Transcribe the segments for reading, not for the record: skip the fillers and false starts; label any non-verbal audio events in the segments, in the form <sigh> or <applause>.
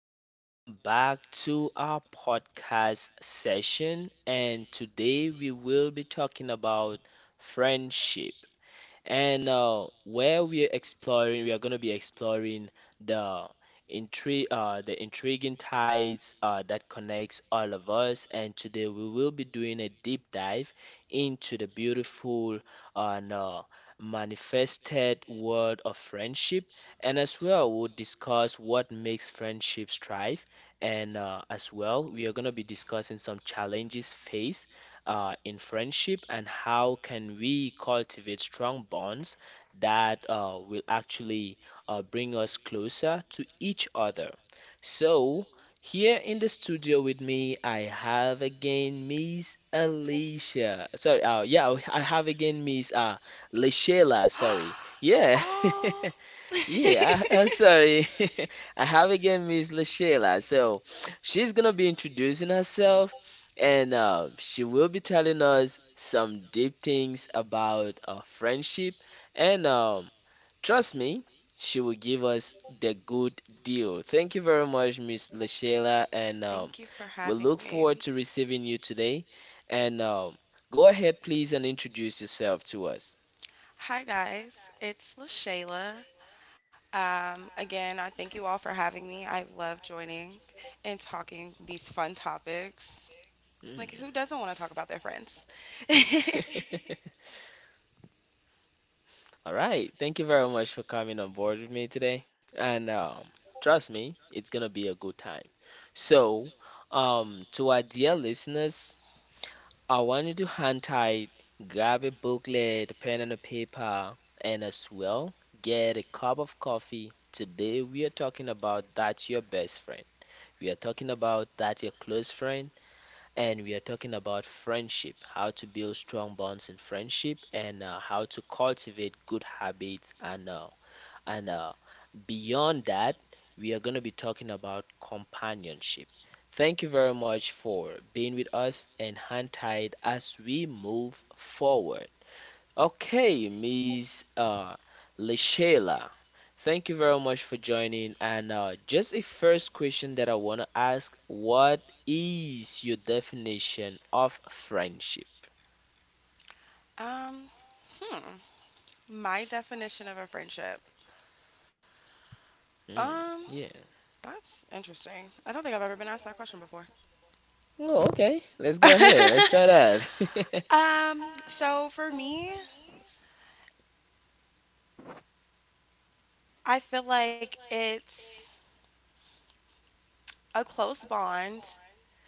Welcome back to our podcast session. And today we will be talking about friendship. And where we're exploring, we are going to be exploring the intri the intriguing ties that connects all of us. And today we will be doing a deep dive into the beautiful and manifested world of friendship. And as well, we'll discuss what makes friendships thrive. And as well, we are going to be discussing some challenges faced in friendship and how can we cultivate strong bonds that will actually bring us closer to each other. So, here in the studio with me, I have again Miss Alicia. Sorry, I have again Miss Lashayla. Sorry, <gasps> yeah. <laughs> Oh, <laughs> Yeah, am sorry. <laughs> I have again Miss LaShayla. So she's gonna be introducing herself and she will be telling us some deep things about friendship. And trust me, she will give us the good deal. Thank you very much, Miss LaShayla. And thank you for we having look forward me. to receiving you today. And go ahead, please, and introduce yourself to us. Hi, guys. It's LaShayla. Again, I thank you all for having me. I love joining and talking these fun topics. Like, Mm. who doesn't want to talk about their friends? <laughs> <laughs> All right. Thank you very much for coming on board with me today. And trust me, it's gonna be a good time. So to our dear listeners, I want you to hand tight, grab a booklet, pen and a paper, and as well, get a cup of coffee. Today we are talking about that's your best friend. We are talking about that's your close friend and we are talking about friendship, how to build strong bonds in friendship, and how to cultivate good habits, and beyond that, we are going to be talking about companionship. Thank you very much for being with us and hand tied as we move forward. Okay, Miss Leshela, thank you very much for joining. And just a first question that I want to ask, what is your definition of friendship? um, hmm. My definition of a friendship. Hmm, Um, yeah. that's interesting. I don't think I've ever been asked that question before. Oh, okay. Let's go ahead. Let's <laughs> try that. <laughs> So for me, I feel like it's a close bond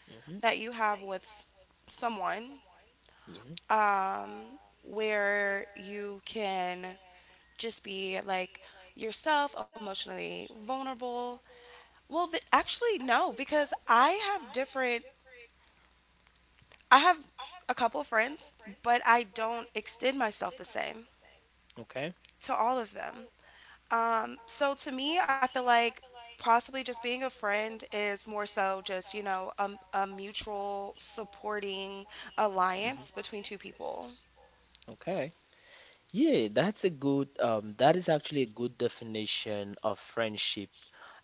Hmm. that you have with someone, Yeah. Where you can just be like yourself, emotionally vulnerable. Well, actually, no, because I have a couple friends, but I don't extend myself the same Okay. to all of them. So to me, I feel like possibly just being a friend is more so just a mutual supporting Mhm. alliance between two people. Okay. Yeah, that's a good that is actually a good definition of friendship.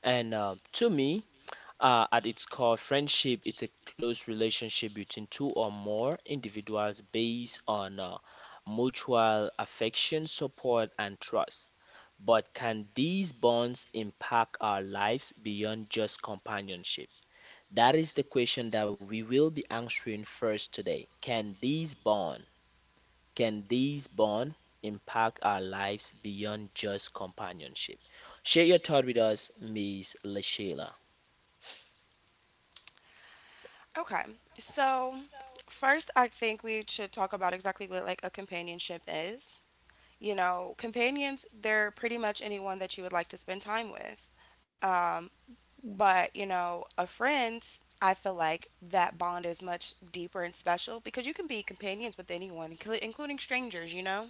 And to me, at its core, friendship is a close relationship between two or more individuals based on mutual affection, support, and trust. But can these bonds impact our lives beyond just companionship? That is the question that we will be answering first today. Can these bond impact our lives beyond just companionship? Share your thought with us, Miss Lashila. Okay. So first, I think we should talk about exactly what like a companionship is. You know, companions, they're pretty much anyone that you would like to spend time with. Um, But, you know, a friend's, I feel like that bond is much deeper and special because you can be companions with anyone, including strangers, you know?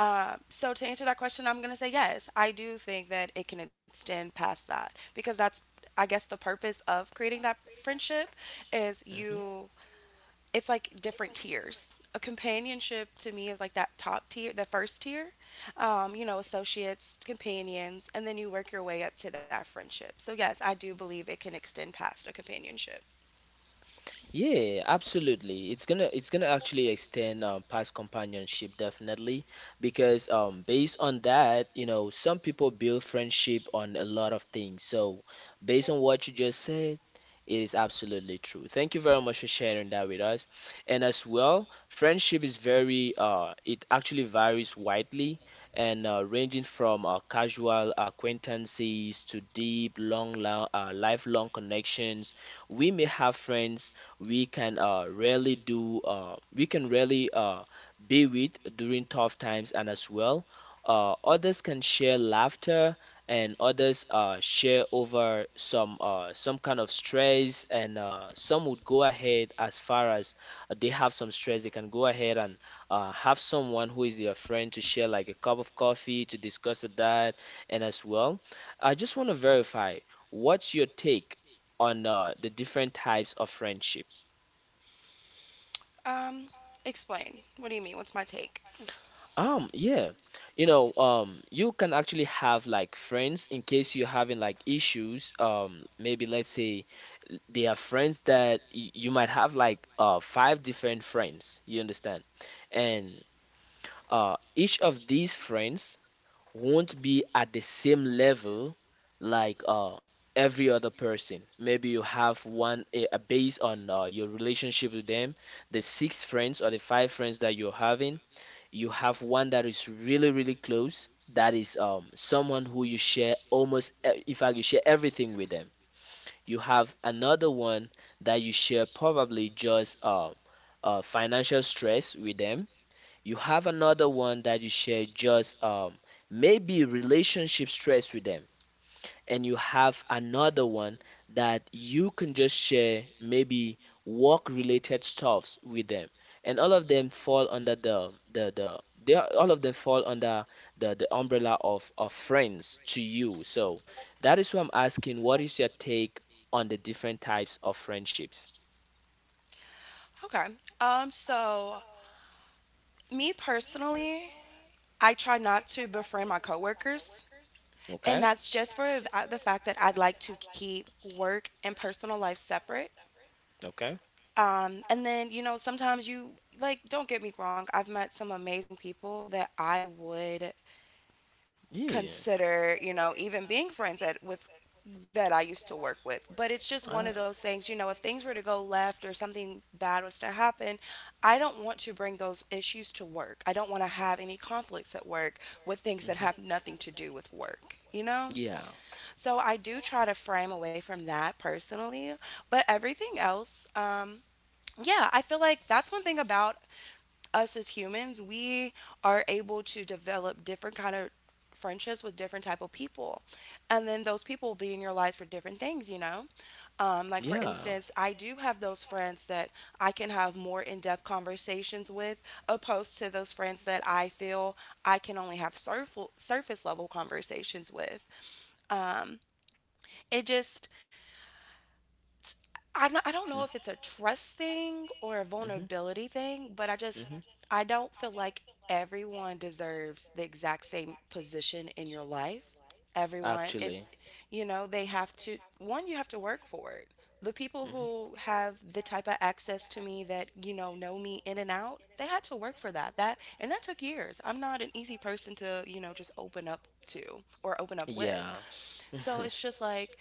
So, to answer that question, I'm going to say yes. I do think that it can extend past that because that's, I guess, the purpose of creating that friendship is Mhm. you it's like different tiers. A companionship to me is like that top tier, the first tier, associates, companions, and then you work your way up to that friendship. So, yes, I do believe it can extend past a companionship. Yeah, absolutely. It's gonna actually extend past companionship definitely because based on that, you know, some people build friendship on a lot of things. So based on what you just said, it is absolutely true. Thank you very much for sharing that with us. And as well, friendship is very it actually varies widely and ranging from casual acquaintances to deep, long lifelong connections. We may have friends we can really do we can really be with during tough times and as well others can share laughter and others share over some kind of stress and some would go ahead as far as they have some stress they can go ahead and have someone who is their friend to share like a cup of coffee to discuss that and as well I just want to verify what's your take on the different types of friendship? Um, Explain. What do you mean? What's my take? Yeah. You know, you can actually have like friends in case you're having like issues. Maybe let's say they are friends that y you might have like five different friends, you understand? And each of these friends won't be at the same level like every other person. Maybe you have one based on your relationship with them, the five friends that you're having you have one that is really really close that is someone who you share in fact you share everything with them you have another one that you share probably just financial stress with them you have another one that you share just maybe relationship stress with them and you have another one that you can just share maybe work related stuffs with them and all of them fall under all of them fall under the umbrella of friends to you so that is why I'm asking what is your take on the different types of friendships. Okay. So me personally, I try not to befriend my coworkers, and Okay. that's just for the fact that I'd like to keep work and personal life separate. Okay. And then, you know, sometimes you, like, don't get me wrong, I've met some amazing people that I would Yeah. consider, you know, even being friends with that I used to work with. But it's just one Ah. of those things, you know, if things were to go left or something bad was to happen, I don't want to bring those issues to work. I don't want to have any conflicts at work with things that Mhm. have nothing to do with work, you know? Yeah. So I do try to frame away from that personally, but everything else, yeah, I feel like that's one thing about us as humans. We are able to develop different kind of friendships with different type of people. And then those people will be in your lives for different things, you know? Like for Yeah. instance, I do have those friends that I can have more in-depth conversations with opposed to those friends that I feel I can only have surface level conversations with. It just I'm not, I don't know if it's a trust thing or a vulnerability thing, but I don't feel like everyone deserves the exact same position in your life. Love Everyone, it you know, they have to one you have to work for it. The people the who have the type of access to me that, know me in and out, they had to work for that. That and that took years. I'm not an easy person to just open up like to or open up that. with. Yeah. <laughs> So it's just like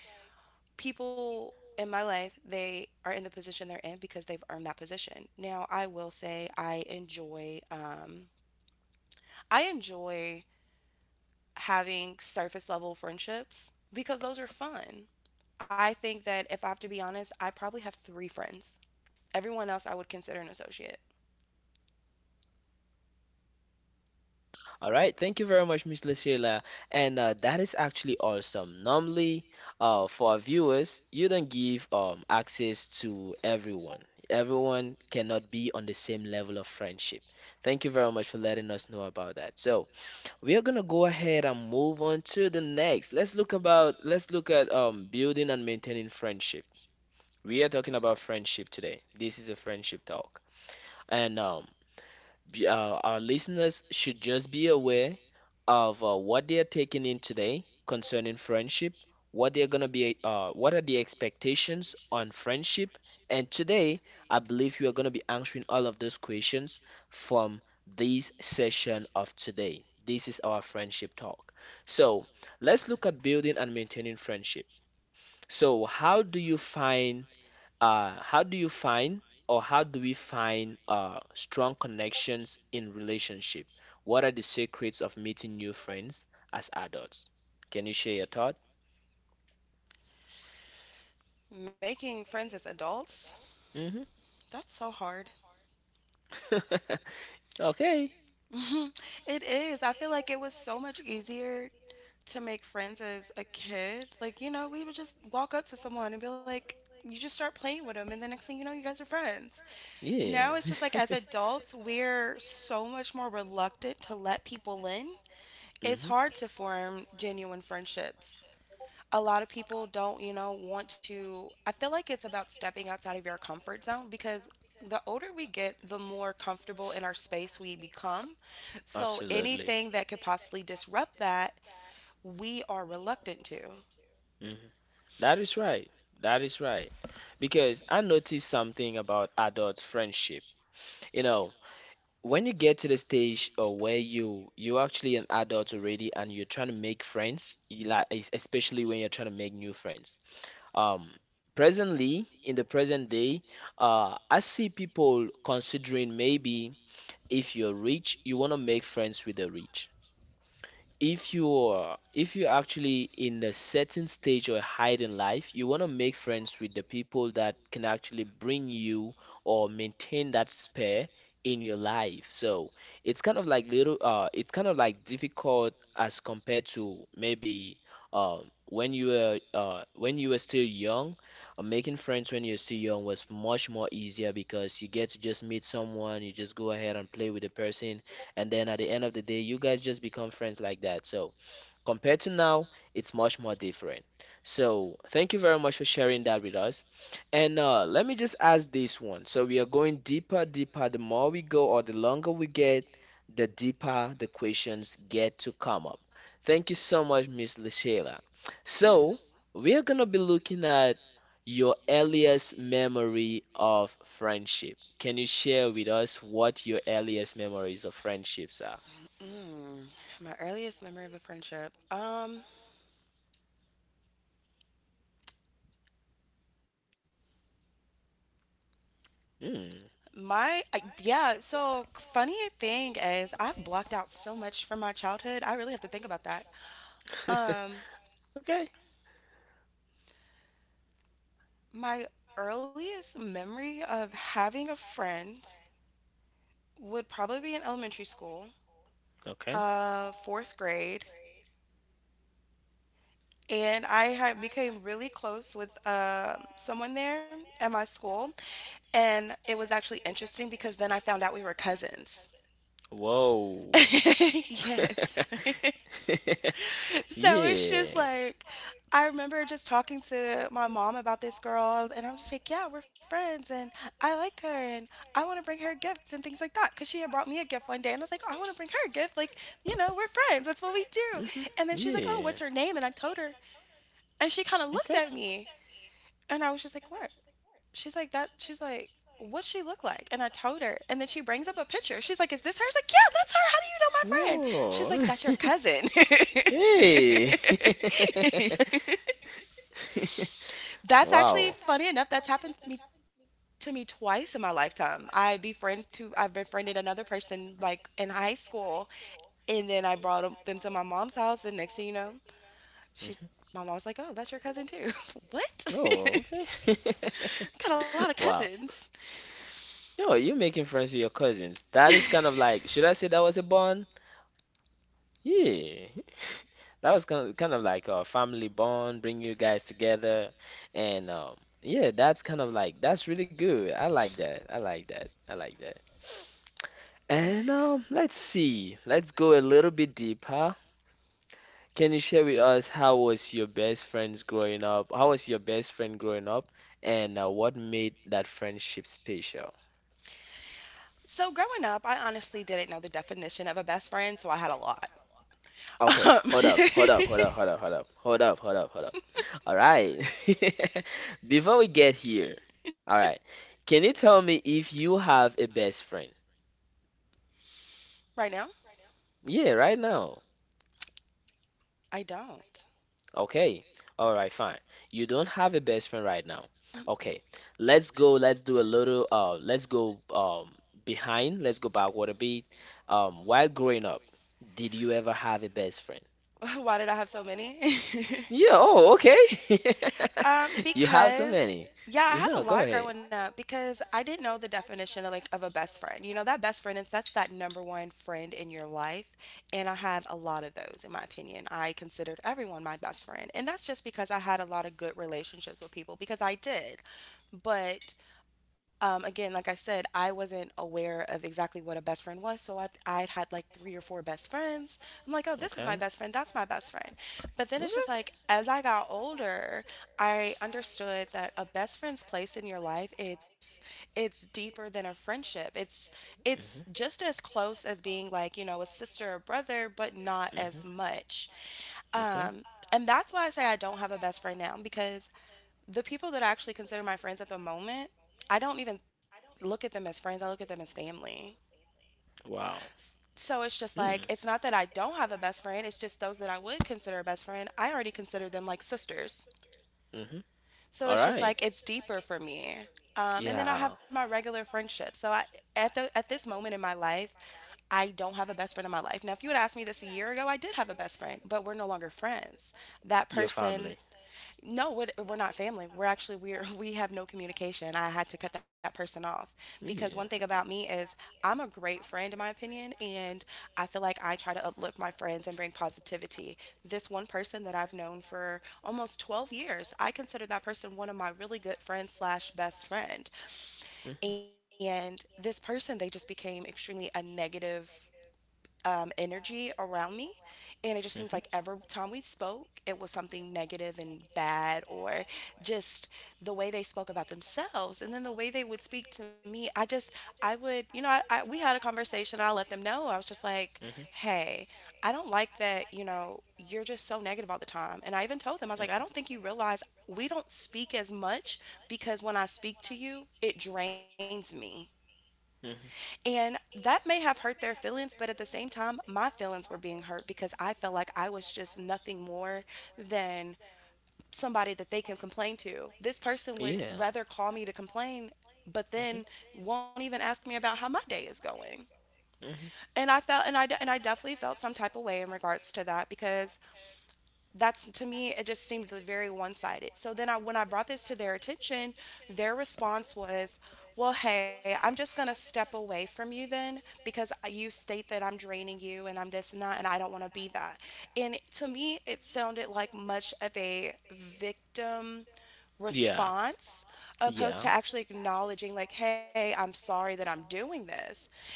people in my life, they are in the position they're in because they've earned that position. Now, I will say I enjoy having surface level friendships because those are fun. I think that if I have to be honest, I probably have three friends. Everyone else I would consider an associate. All right, thank you very much, Miss Lucilla. And that is actually awesome. Normally, for our viewers, you don't give access to everyone. Everyone cannot be on the same level of friendship. Thank you very much for letting us know about that. So we are gonna go ahead and move on to the next. Let's look at building and maintaining friendship. We are talking about friendship today. This is a friendship talk. And um, be- uh, our listeners should just be aware of what they are taking in today concerning friendship, what are the expectations on friendship, and today I believe you are gonna be answering all of those questions from this session of today. This is our friendship talk. So let's look at building and maintaining friendship. So how do you find or how do we find strong connections in relationship? What are the secrets of meeting new friends as adults? Can you share your thought? Making friends as adults, Hmm. that's so hard. <laughs> Okay. <laughs> It is. I feel like it was so much easier to make friends as a kid. Like, we would just walk up to someone and be like, you just start playing with them, and the next thing you know, you guys are friends. Now Yeah. it's just like as <laughs> adults, we're so much more reluctant to let people in. It's Hmm. hard to form genuine friendships. A lot of people don't want to. I feel like it's about stepping outside of your comfort zone because the older we get, the more comfortable in our space we become. So Absolutely. anything that could possibly disrupt that we are reluctant to. Hmm. That is right. That is right. Because I noticed something about adult friendship. You know, when you get to the stage where you're actually an adult already and you're trying to make friends, you like especially when you're trying to make new friends. Um, presently in the present day, I see people considering maybe if you're rich, you want to make friends with the rich if you're actually in a certain stage or height in life, you want to make friends with the people that can actually bring you or maintain that spare in your life. So it's kind of like little it's kind of like difficult as compared to maybe when you were still young, making friends when you're still young was much more easier because you get to just meet someone, you just go ahead and play with the person and then at the end of the day you guys just become friends like that so compared to now it's much more different so thank you very much for sharing that with us and let me just ask this one so we are going deeper deeper the more we go or the longer we get the deeper the questions get to come up. Thank you so much, Miss Lashayla. So Yes. we are going to be looking at your earliest memory of friendship. Can you share with us what your earliest memories of friendships are? Mm, my earliest memory of a friendship. Hmm. Yeah. So funny thing is, I've blocked out so much from my childhood. I really have to think about that. <laughs> Um, Okay. my earliest memory of having a friend would probably be in elementary school, Okay. Fourth grade, and I had became really close with someone there at my school, and it was actually interesting because then I found out we were cousins. Whoa. <laughs> <laughs> Yes. <laughs> So it's Yeah, just yeah. like, I remember just talking to my mom about this girl, and I'm just like, yeah, we're friends, and I like her, and I want to bring her gifts and things like that. Because she had brought me a gift one day, and I was like, I want to bring her a gift. Like, we're friends. That's what we do. Hmm. And then she's like, oh, Yeah. what's her name? And I told her, and she kind of looked Okay. at me. And I was just like, what? She's like, that. She's like, what she look like? And I told her. And then she brings up a picture. She's like, is this her? I was like, yeah, that's her. How do you know my friend? Whoa. <laughs> She's like, Hey. that's your cousin. <laughs> <laughs> That's Wow. actually funny enough. That's happened to me twice in my lifetime. I've befriended another person like in high school, and then I brought them to my mom's house, and next thing you know, Hmm. she Like, my mom's like, "Oh, that's your cousin too." <laughs> What? oh, <laughs> okay. <laughs> Got a lot of Wow. cousins. Yo, you're making friends with your cousins. That is kind of like, should I say that was a bond? Yeah, <laughs> that was kind of like a family bond, bring you guys together. And yeah, that's kind of like, that's really good. I like that. I like that. I like that. And let's see. Let's go a little bit deeper. Can you share with us how was your best friends growing up? How was your best friend growing up? And what made that friendship special? So growing up, I honestly didn't know the definition of a best friend, so I had a lot. <laughs> Okay, Um, hold up, hold up, hold <laughs> up, hold up, hold up, hold up, hold up, hold up, hold up. All right. <laughs> Before we get here, all right. Can you tell me if you have a best friend? right now, Yeah, right now. I don't. Okay. All right, fine. You don't have a best friend right now. Mm-mm. Okay. Let's go. Let's do a little let's go behind. Let's go backward a bit. While growing up, did you ever have a best friend? <laughs> Why did I have so many? <laughs> Yeah, oh, okay. <laughs> You have so Because many. yeah, I had Yeah, a go lot ahead. growing up because I didn't know the definition of like of a best friend. You know, that best friend is that's that number one friend in your life, and I had a lot of those in my opinion. I considered everyone my best friend, and that's just because I had a lot of good relationships with people because I did. But again, like I said, I wasn't aware of exactly what a best friend was. So I'd had like three or four best friends. I'm like, oh, this is my Okay. best friend. That's my best friend. But then But it's just like, as okay. I got older, I understood that a best friend's place in your life, it's deeper than a friendship. It's Mhm. just as close as being like, a sister or brother, but not Mhm. as much. Okay. Um, and that's why I say I don't have a best friend now because the people that I actually consider my friends at the moment, I don't even look at them as friends. I look at them as family. Wow. So it's just Hmm. like, it's not that I don't have a best friend. It's just those that I would consider a best friend, I already consider them like sisters. All So it's just right. like, it's deeper for me. And then I Yeah. have my regular friendships. So at this moment in my life, I don't have a best friend in my life. Now, if you had asked me this a year ago, I did have a best friend, but we're no longer friends. That Your family. person no, we're not family. We're actually we're <laughs> We have no communication. I had to cut that person Oh. off Yeah. because Communication. one thing about me is I'm a great friend in my opinion, and I feel like I try to uplift my friends and bring positivity. This one person that I've known for almost 12 years, I consider that person one of my really good friends slash best friend. And this person, they just became extremely a negative energy around me. And it just Mhm, seems like mhm, every time we spoke, it was something negative and bad, or just the way they spoke about themselves. And then the way they would speak to me, I just, I would, you know, I we had a conversation and I let them know. I was just like, mhm, hey, I don't like that, you're just so negative all the time. And I even told them, I was mhm, like, I don't think you realize we don't speak as much because when I speak to you, it drains me. mhm. And that may have hurt their feelings, but at the same time, my feelings were being hurt because I felt like I was just nothing more than somebody that they can complain to. This person would Yeah. rather call me to complain, but Mhm, then won't even ask me about how my day is going. mhm. And I definitely felt some type of way in regards to that because that's, to me, it just seemed very one-sided. So when I brought this to their attention, their response was, well, hey, I'm just going to step away from you then because you state that I'm draining you and I'm this and that, and I don't want to be that. And to me it sounded like much of a victim Yeah. response opposed to Yeah. actually acknowledging, like, hey, I'm sorry that I'm doing this.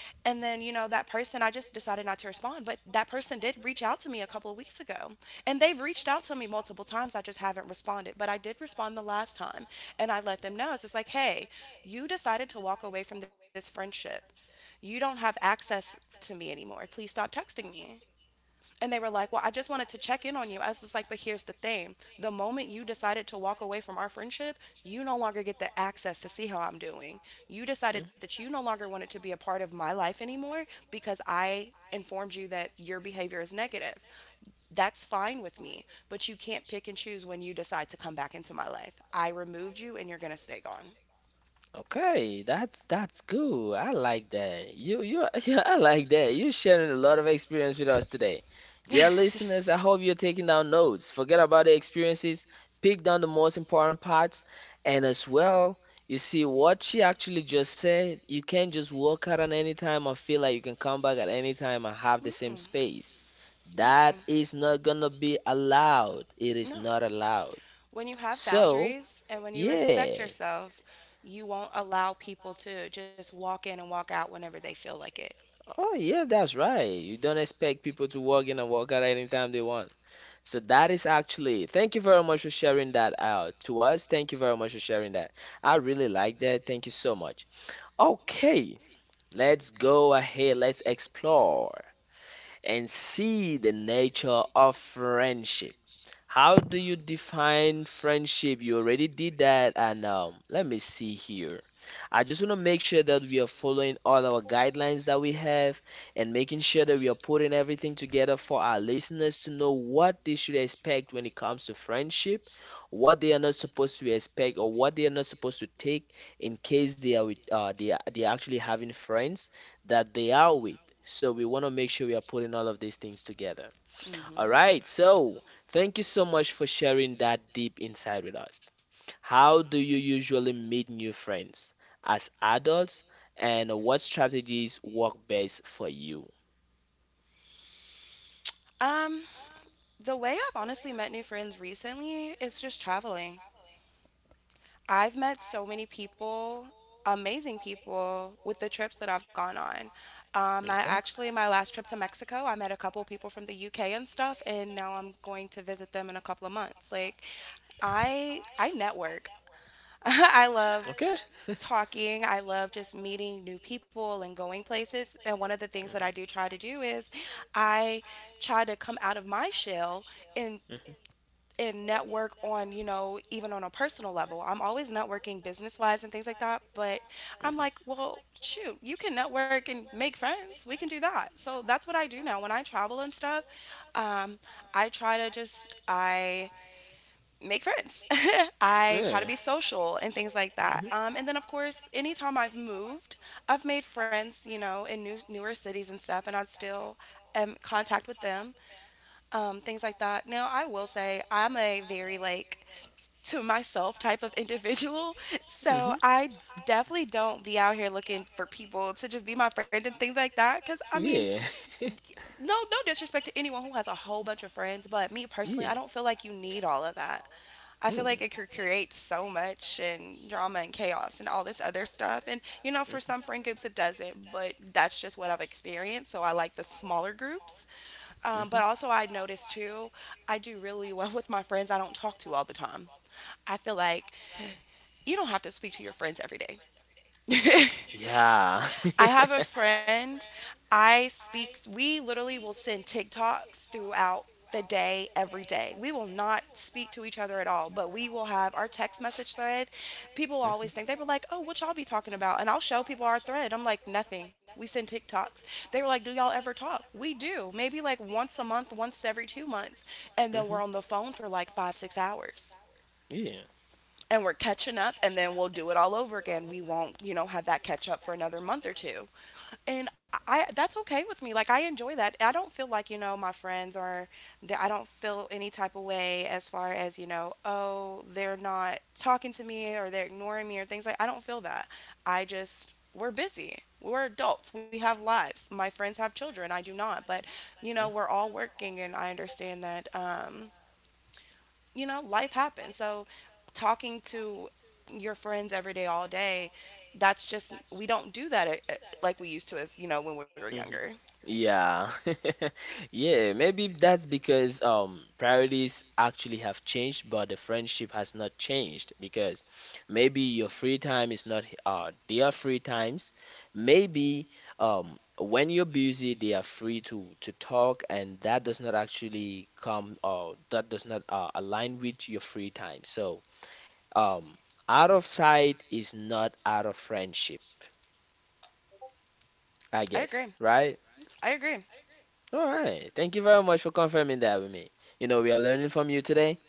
And then, you know, that person, I just decided not to respond, but that person did reach out to me a couple of weeks ago, and they've reached out to me multiple times. I just haven't responded, but I did respond the last time. And I let them know, it's just like, hey, you decided to walk away from this friendship, you don't have access to me anymore, please stop texting me. And they were like, well, I just wanted to check in on you. I was just like, but here's the thing, the moment you decided to walk away from our friendship, you no longer get the access to see how I'm doing. You Mm. decided that you no longer wanted to be a part of my life anymore because I informed you that your behavior is negative. That's fine with me, but you can't pick and choose when you decide to come back into my life. I removed you and you're going to stay gone. Okay, that's cool. I like that. You <laughs> yeah, I like that. You sharing a lot of experience with us today. <laughs> Dear listeners, I hope you're taking down notes. Forget about the experiences, pick down the most important parts, and as well, you see what she actually just said. You can't just walk out at any time or feel like you can come back at any time and have the same space. That is not gonna be allowed. It is No. not allowed. When you have So, boundaries and when you respect yeah. yourself, you won't allow people to just walk in and walk out whenever they feel like it. Oh, yeah, that's right. You don't expect people to walk in and walk out anytime they want. So that is actually, thank you very much for sharing that out to us. Thank you very much for sharing that. I really like that. Thank you so much. Okay, let's go ahead. Let's explore and see the nature of friendship. How do you define friendship? You already did that, and let me see here. I just want to make sure that we are following all our guidelines that we have and making sure that we are putting everything together for our listeners to know what they should expect when it comes to friendship, what they are not supposed to expect, or what they are not supposed to take in case they are with they are actually having friends that they are with. So we want to make sure we are putting all of these things together. All Hmm. right, so thank you so much for sharing that deep insight with us. How do you usually meet new friends as adults, and what strategies work best for you? Um, the way I've honestly met new friends recently is just traveling. I've met so many people, amazing people, with the trips that I've gone on. I Okay. actually, my last trip to Mexico, I met a couple people from the UK and stuff, and now I'm going to visit them in a couple of months. Like, I network. <laughs> I love Okay. <laughs> talking. I love just meeting new people and going places. And one of the things that I do try to do is I try to come out of my shell and network on, you know, even on a personal level. I'm always networking business wise and things like that, but Mhm, I'm mhm, like, well, shoot, you can network and make friends. We can do that. So that's what I do now when I travel and stuff. Um, I try to just I make friends. <laughs> I try to be social and things like that. And then, of course, anytime I've moved, I've made friends, you know, in new, newer cities and stuff, and I still am in contact with them, things like that. Now, I will say I'm a very, like, to myself type of individual. <laughs> So hmm so I definitely don't be out here looking for people to just be my friend and things like that because, I mean, <laughs> no, no disrespect to anyone who has a whole bunch of friends, but me personally, I don't feel like you need all of that. I feel Hmm. like it could create so much and drama and chaos and all this other stuff. And, you know, hmm for some friend groups it doesn't, but that's just what I've experienced. So I like the smaller groups. hmm But hmm also, I noticed too, I do really well with my friends I don't talk to all the time. I feel like you don't have to speak to your friends every day. <laughs> Yeah. I <laughs> have <laughs> a friend. I speak, we literally will send TikToks throughout the day, every day. We will not speak to each other at all, but we will have our text message thread. People always Mhm. think, they were like, oh, what y'all be talking about? And I'll show people our thread. I'm like, nothing. We send TikToks. They were like, do y'all ever talk? We do. Maybe like once a month, once every 2 months. And then hmm we're on the phone for like 5, 6 hours Yeah. and we're catching up and then we'll do it all over again. We won't, you know, have that catch up for another month or two, and I, that's okay with me. Like, I enjoy that. I don't feel like, you know, my friends are. That, I don't feel any type of way as far as, you know. Oh, they're not talking to me or they're ignoring me or things like. I don't feel that. I just, we're busy. We're adults. We have lives. My friends have children. I do not. But you know, we're all working, and I understand that. You know, life happens. So talking to your friends every day, all day, that's just, we don't do that like we used to as, you know, when we were Mm-hmm. younger. Yeah. <laughs> Yeah, maybe that's because priorities actually have changed, but the friendship has not changed because maybe your free time is not their free times. Maybe when you're busy, they are free to talk, and that does not actually come or that does not align with your free time. Um, Out of sight is not out of friendship, I I guess, agree. right? I agree. All right. Thank you very much for confirming that with me. You know, we are learning from you today.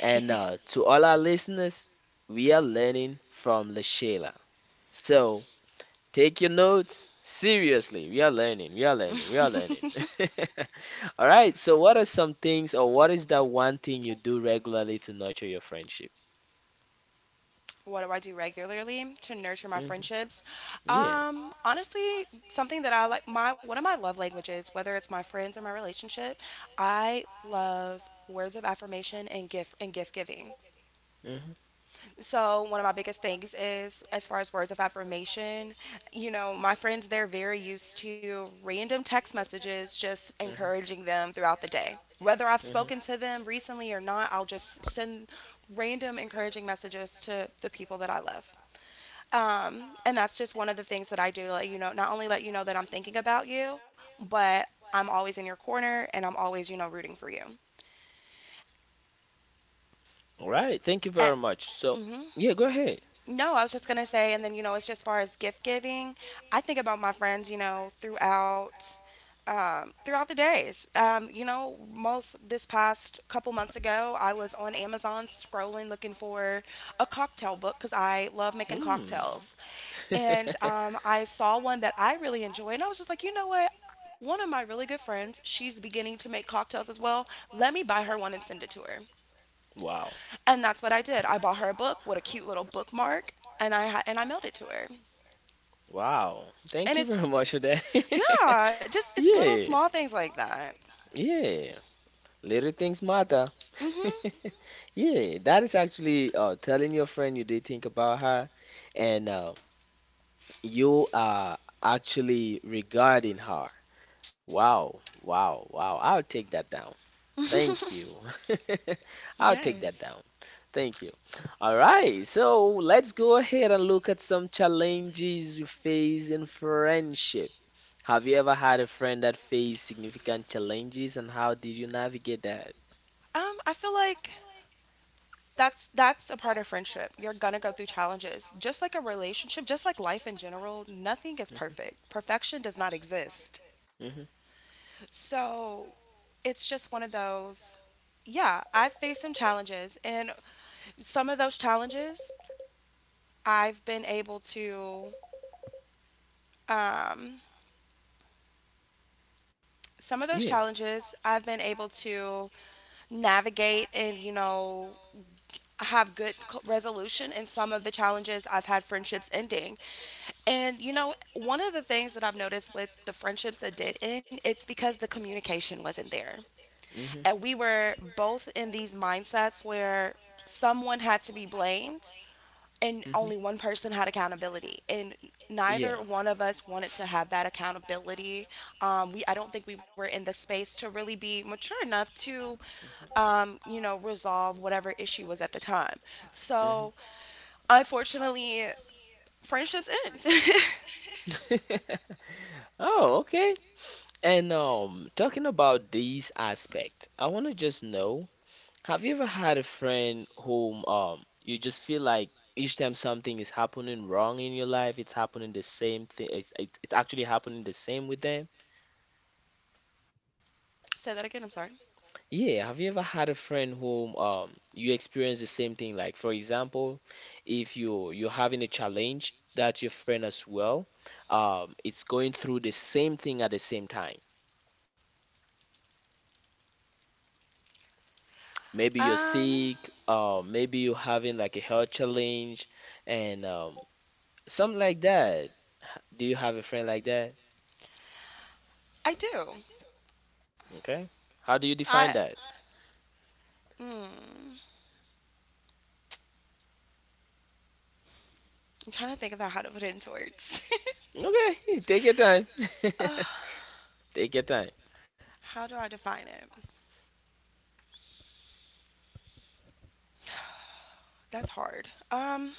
And to all our listeners, we are learning from LaShayla. So take your notes seriously. We are learning, we are learning, we are learning. <laughs> <laughs> All right. So, what are some things, or what is that one thing you do regularly to nurture your friendship? What do I do regularly to nurture my Mhm. friendships? Yeah. Honestly, something that I like, my one of my love languages, whether it's my friends or my relationship, I love words of affirmation and gift giving. Mm-hmm. So, one of my biggest things is, as far as words of affirmation, you know, my friends, they're very used to random text messages just Mhm. encouraging them throughout the day. Whether I've Mhm. spoken to them recently or not, I'll just send random encouraging messages to the people that I love. And that's just one of the things that I do to let you know, not only let you know that I'm thinking about you, but I'm always in your corner and I'm always, you know, rooting for you. All right, thank you very Uh, much. mhm. Yeah, go ahead. No, I was just gonna say, and then, you know, as just far as gift giving, I think about my friends, you know, throughout the days. You know, most this past couple months ago, I was on Amazon scrolling looking for a cocktail book because I love making Hmm. cocktails, and <laughs> I saw one that I really enjoy, and I was just like, you know what? One of my really good friends, she's beginning to make cocktails as well. Let me buy her one and send it to her. What? Wow. And that's what I did. I bought her a book with a cute little bookmark, and I mailed it to her. Wow. Thank And you it's, very much. yeah, <laughs> just it's little small things like that. Yeah. Little things matter. Mhm. <laughs> Yeah, that is actually telling your friend you did think about her and you are actually regarding her. Wow, wow, wow. I'll take that down. Thank you. <laughs> I'll take that Yes. down. Thank you. All right, so let's go ahead and look at some challenges you face in friendship. Have you ever had a friend that faced significant challenges and how did you navigate that? I feel like that's a part of friendship. You're gonna go through challenges. Just like a relationship, just like life in general, nothing is perfect. Perfection does not exist. Mm-hmm. So, it's just one of those, yeah, I've faced some challenges and some of those challenges I've been able to um some of those Yeah. challenges I've been able to navigate and, you know, have good resolution. In some of the challenges I've had friendships ending. And, you know, one of the things that I've noticed with the friendships that did end, it's because the communication wasn't there. Mm-hmm. And we were both in these mindsets where someone had to be blamed and Mm-hmm. only one person had accountability and Yeah. neither one of us wanted to have that accountability. We, I don't think we were in the space to really be mature enough to, you know, resolve whatever issue was at the time. Mm-hmm. So, <laughs> unfortunately, friendships end. <laughs> Oh, okay. And talking about these aspects, I want to just know. Have you ever had a friend whom you just feel like each time something is happening wrong in your life, it's happening the same thing. It's actually happening the same with them. Say that again, I'm sorry. Yeah, have you ever had a friend whom you experience the same thing? Like for example, if you're having a challenge that your friend as well, it's going through the same thing at the same time. Maybe you're um sick, maybe you're having like a health challenge, and something like that. Do you have a friend like that? I do. Okay. How do you define i that? mm, I'm trying to think about how to put it into words. <laughs> Okay, <laughs> take your time. Uh, <laughs> Take your time. how do I define it, that's hard.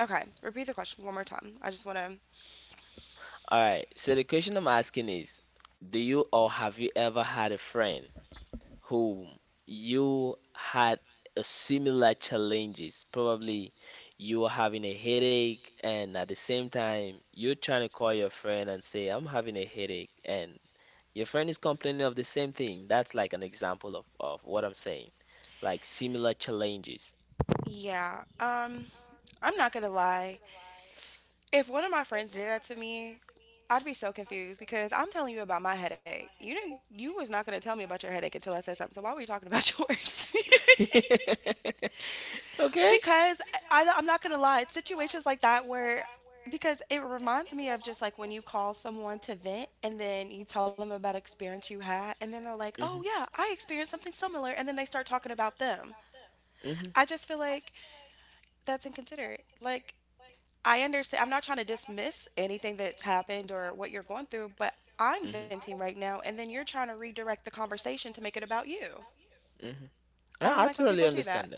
Okay, repeat the question one more time. I just want to. All right. So the question I'm asking is, do you or have you ever had a friend who you had a similar challenges. Probably you are having a headache and at the same time you're trying to call your friend and say, I'm having a headache and your friend is complaining of the same thing. That's like an example of what I'm saying. Like similar challenges. Yeah, I'm not gonna lie. If one of my friends did that to me, I'd be so confused because I'm telling you about my headache. You didn't. You was not gonna tell me about your headache until I said something. So why were you talking about <laughs> yours? <laughs> <laughs> Okay? Because I'm not gonna lie. It's situations like that where, because it reminds me of just like when you call someone to vent and then you tell them about experience you had and then they're like, oh Mhm. yeah, I experienced something similar, and then they start talking about them. Mhm. I just feel like that's inconsiderate. Like, I understand. I'm not trying to dismiss anything that's happened or what you're going through, but I'm hmm venting right now, and then you're trying to redirect the conversation to make it about you. Mhm. I don't I like when people totally do that. understand.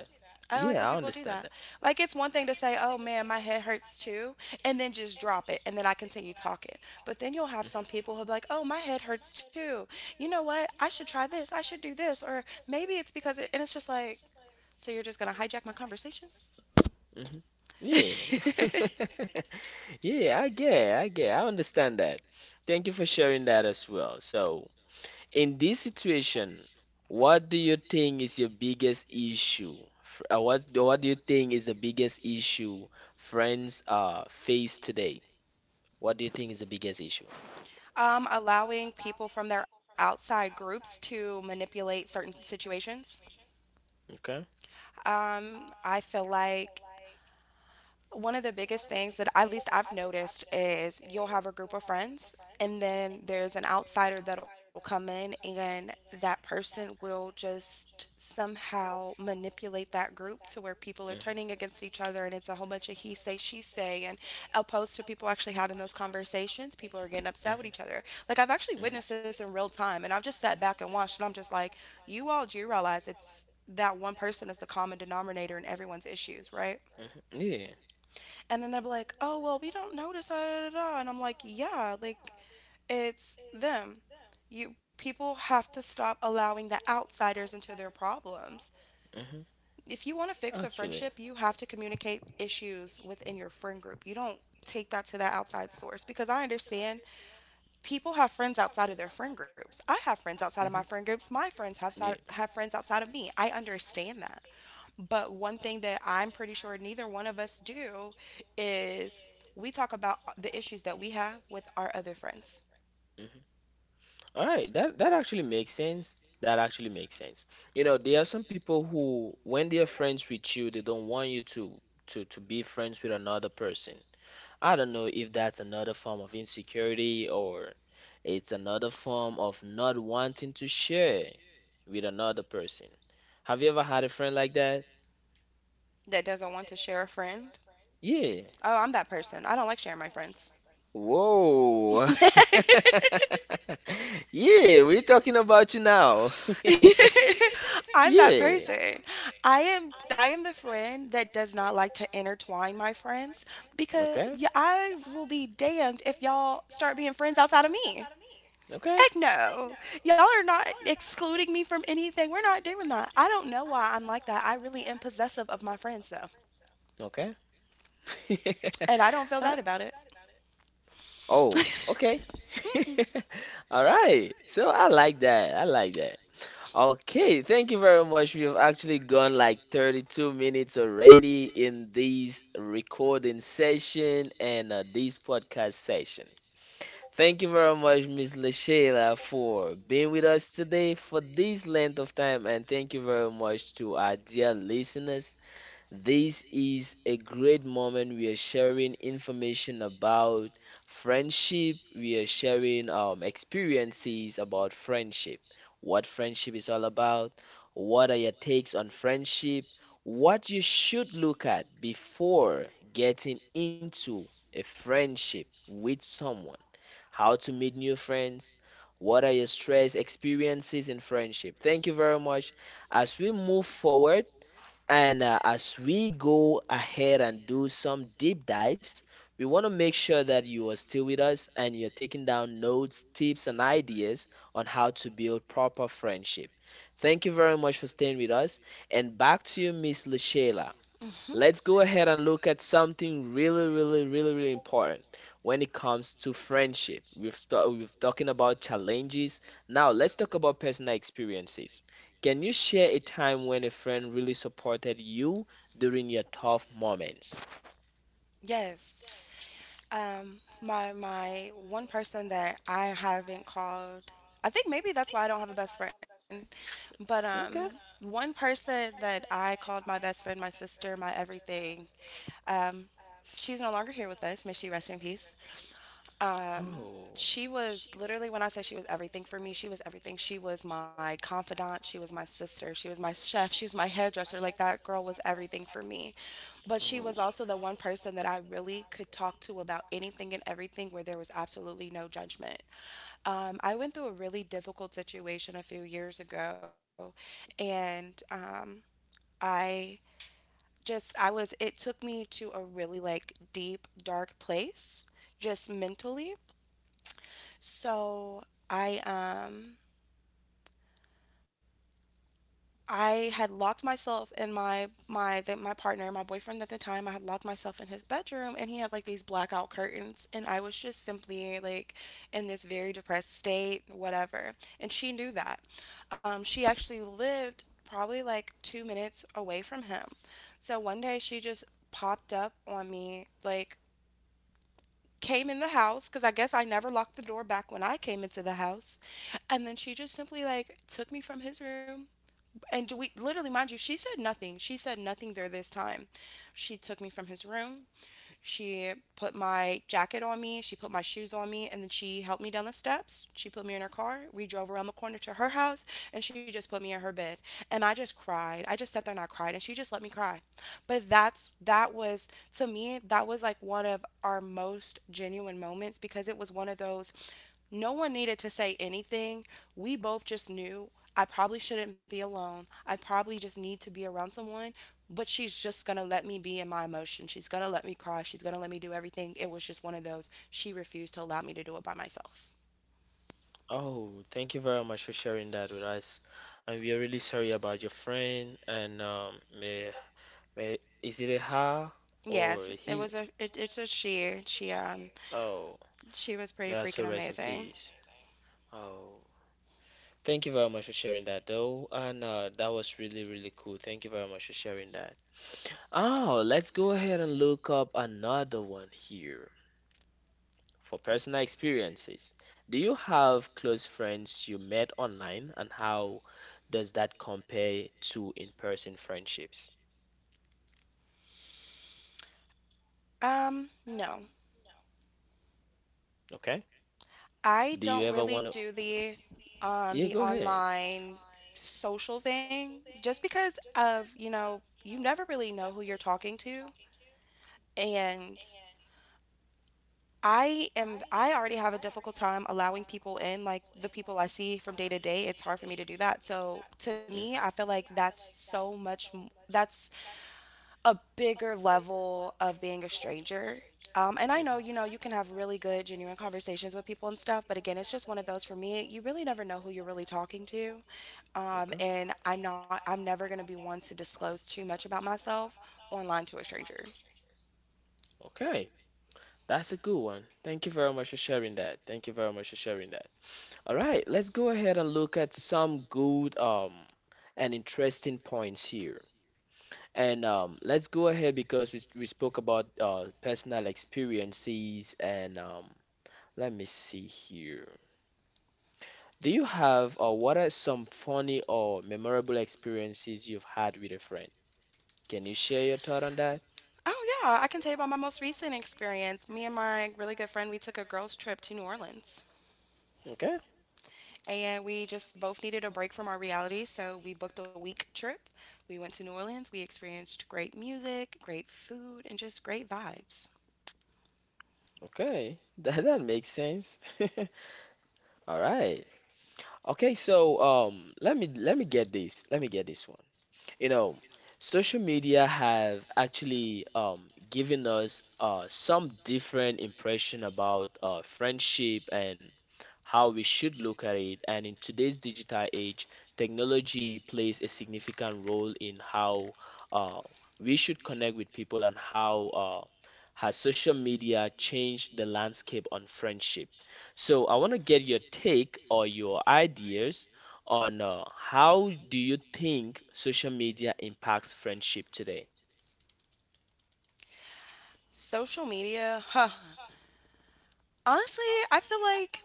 I don't like when Yeah, I people do understand that. that. Like, it's one thing to say, oh man, my head hurts too, and then just drop it, and then I continue talking. But then you'll have some people who'll be like, oh, my head hurts too. You know what? I should try this. I should do this. Or maybe it's because, and it's just like, so you're just going to hijack my conversation? hmm Yeah. <laughs> <laughs> Yeah, I understand that. Thank you for sharing that as well. So, in this situation, what do you think is your biggest issue? What what do you think is the biggest issue friends face today? What do you think is the biggest issue? Allowing people from their outside groups to manipulate certain situations. Okay. I feel like one of the biggest things that at least I've noticed is you'll have a group of friends, and then there's an outsider that'll come in, and that person will just somehow manipulate that group to where people are turning against each other, and it's a whole bunch of he say, she say, and opposed to people actually having those conversations. People are getting upset with each other. Like, I've actually witnessed this in real time, and I've just sat back and watched, and I'm just like, you all do realize it's that one person is the common denominator in everyone's issues, right? Mhm. Mhm. Mhm. And then they're like, oh, well, we don't notice. Da, da, da, da. And I'm like, yeah, like it's them. You people have to stop allowing the outsiders into their problems. Yeah. If you want to fix a Actually, friendship, you have to hmm communicate issues within your friend group. You don't take that to that outside source because I understand people have friends outside of their friend groups. I have friends outside of my friend groups. My friends Yeah. have friends outside of me. I understand that. But one thing that I'm pretty sure neither one of us do is we talk about the issues that we have with our other friends. hmm All right, that actually makes sense. That actually makes sense. You know, there are some people who, when they are friends with you, they don't want you to to be friends with another person. I don't know if that's another form of insecurity or it's another form of not wanting to share with another person. Have you ever had a friend like that? That doesn't want to share a friend? Yeah. Oh, I'm that person. I don't like sharing my friends. Whoa. <laughs> <laughs> Yeah, we're talking about you now. <laughs> <laughs> I'm that Yeah. person. I am the friend that does not like to intertwine my friends because Okay. yeah, I will be damned if y'all start being friends outside of me. Okay. Heck no. Y'all are not excluding me from anything. We're not doing that. I don't know why I'm like that. I really am possessive of my friends though. Okay. And I don't feel <laughs> I, bad about it. Oh, okay. <laughs> All right. So I like that. I like that. Okay, thank you very much. We've actually gone like 32 minutes already in this recording session and this podcast session. Thank you very much, Miss LaShayla, for being with us today for this length of time. And thank you very much to our dear listeners, this is a great moment. We are sharing information about friendship. We are sharing experiences about friendship. What friendship is all about. What are your takes on friendship? What you should look at before getting into a friendship with someone. How to meet new friends. What are your stress experiences in friendship? Thank you very much. As we move forward, and as we go ahead and do some deep dives, we want to make sure that you are still with us and you're taking down notes, tips, and ideas on how to build proper friendship. Thank you very much for staying with us. And back to you, Miss Lashayla. hmm Let's go ahead and look at something really, really, really, really important when it comes to friendship. We've talking about challenges. Now let's talk about personal experiences. Can you share a time when a friend really supported you during your tough moments? Yes. My one person that I haven't called, I think maybe that's why I don't have a best friend. But Okay. one person that I called my best friend, my sister, my everything. um, she's no longer here with us. May she rest in peace. Um, Oh, she was literally, when I say she was everything for me, she was everything. She was my confidant. She was my sister. She was my chef. She was my hairdresser. Like that girl was everything for me. But she was oh, also the one person that I really could talk to about anything and everything where there was absolutely no judgment. I went through a really difficult situation a few years ago, and I just, I was, it took me to a really like deep, dark place, just mentally. So I, um, I had locked myself in my boyfriend at the time, I had locked myself in his bedroom and he had like these blackout curtains and I was just simply like in this very depressed state, whatever. And she knew that. She actually lived probably like 2 minutes away from him. So one day she just popped up on me like came in the house because I guess I never locked the door back when I came into the house. And then she just simply like took me from his room and we literally, mind you, she said nothing. She said nothing there this time. She took me from his room. She put my jacket on me. She put my shoes on me. And then she helped me down the steps. She put me in her car. We drove around the corner to her house. And she just put me in her bed. And I just cried. I just sat there and I cried. And she just let me cry. But that was, to me, that was like one of our most genuine moments because it was one of those, no one needed to say anything. We both just knew I probably shouldn't be alone. I probably just need to be around someone, but she's just going to let me be in my emotion. She's going to let me cry. She's going to let me do everything. It was just one of those. She refused to allow me to do it by myself. oh, thank you very much for sharing that with us. And we are really sorry about your friend, and yeah, wait, is it a her or Yes, a it he? was a it's a she. Oh, She was may I pretty also freaking rest in amazing. peace. Oh, thank you very much for sharing that, though. And that was really, really cool. Thank you very much for sharing that. Oh, let's go ahead and look up another one here for personal experiences. Do you have close friends you met online, and how does that compare to in-person friendships? No. Okay. Do I you don't ever want to? really do the Yeah, go ahead. online social thing just because of, you know, you never really know who you're talking to and I already have a difficult time allowing people in, like the people I see from day to day. It's hard for me to do that. So to me, Mhm. I feel like that's so much m- that's a bigger level of being a stranger. And I know, you can have really good, genuine conversations with people and stuff, but again, it's just one of those for me, you really never know who you're really talking to. Okay. And I'm never going to be one to disclose too much about myself online to a stranger. Okay. That's a good one. Thank you very much for sharing that. Thank you very much for sharing that. All right, let's go ahead and look at some good and interesting points here. And let's go ahead because we spoke about personal experiences and let me see here. Do you have or what are some funny or memorable experiences you've had with a friend? Can you share your thought on that? Oh yeah, I can tell you about my most recent experience. Me and my really good friend, we took a girls' trip to New Orleans. Okay, And we just both needed a break from our reality, so we booked a week trip. We went to New Orleans. We experienced great music, great food, and just great vibes. okay, <laughs> that that makes sense. <laughs> All right. Okay, so let me get this. Let me get this. You know, social media have actually given us some different impression about friendship and how we should look at it. And in today's digital age, technology plays a significant role in how uh, we should connect with people and how has social media changed the landscape on friendship. So I want to get your take or your ideas on how do you think social media impacts friendship today? Social media, huh. Honestly, I feel like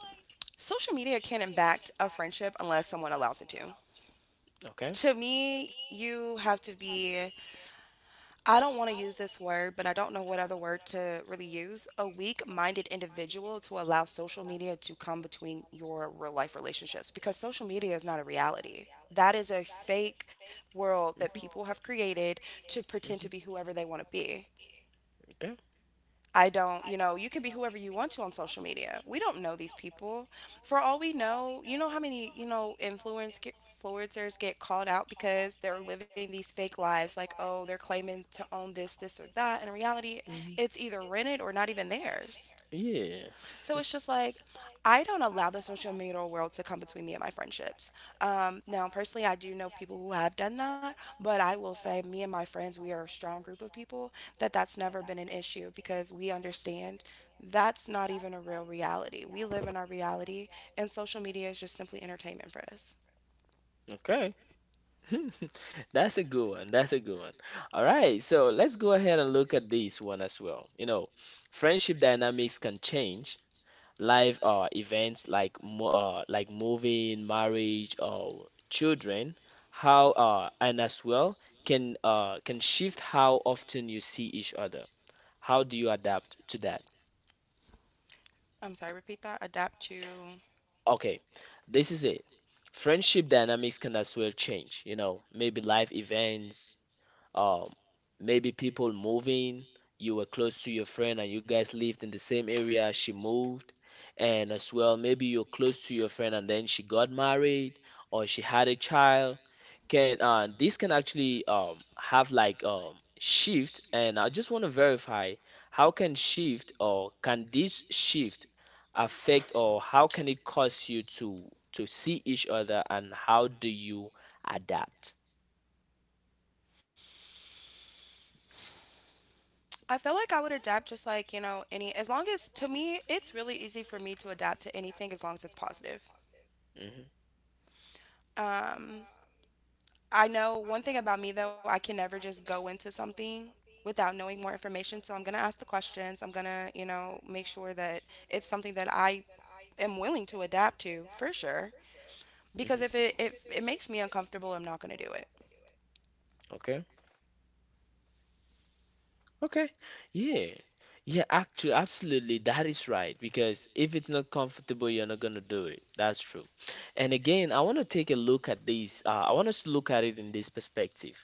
social media can impact a friendship unless someone allows it to. Okay. To me, you have to be, I don't want to use this word, but I don't know what other word to really use. A weak minded individual to allow social media to come between your real life relationships because social media is not a reality. That is a fake world that Mhm. people have created to pretend to Mhm. be whoever they want to be. Okay. I don't, you know, you can be whoever you want to on social media. We don't know these people. For all we know, how many, influencers get called out because they're living these fake lives like, oh, they're claiming to own this, this, or that. And in reality, it's either rented or not even theirs. Yeah. So it's <laughs> just like, I don't allow the social media world to come between me and my friendships. Now, personally, I do know people who have done that, but I will say, me and my friends, we are a strong group of people that that's never been an issue because we understand that's not even a real reality. We live in our reality, and social media is just simply entertainment for us. Okay. <laughs> That's a good one. That's a good one. All right. So let's go ahead and look at this one as well. You know, friendship dynamics can change life events like mo like moving, marriage, or children, how and as well can shift how often you see each other. How do you adapt to that? I'm sorry, repeat that. Adapt to. Okay, this is it. Friendship dynamics can as well change, you know, maybe life events, um, maybe people moving. You were close to your friend and you guys lived in the same area. She moved. And as well, maybe you're close to your friend and then she got married or she had a child. Can this can actually have like shift? And I just want to verify how can shift or can this shift affect or how can it cause you to see each other and how do you adapt? I feel like I would adapt just like, you know, any, as long as, to me, it's really easy for me to adapt to anything as long as it's positive. hmm Um, I know one thing about me though, I can never just go into something without knowing more information. So I'm going to ask the questions. I'm going to, you know, make sure that it's something that I am willing to adapt to for sure. Because hmm if it makes me uncomfortable, I'm not going to do it. Okay. Okay. Yeah. Yeah, actually, absolutely. That is right. Because if it's not comfortable, you're not gonna do it. That's true. And again, I want to take a look at this. I want us to look at it in this perspective.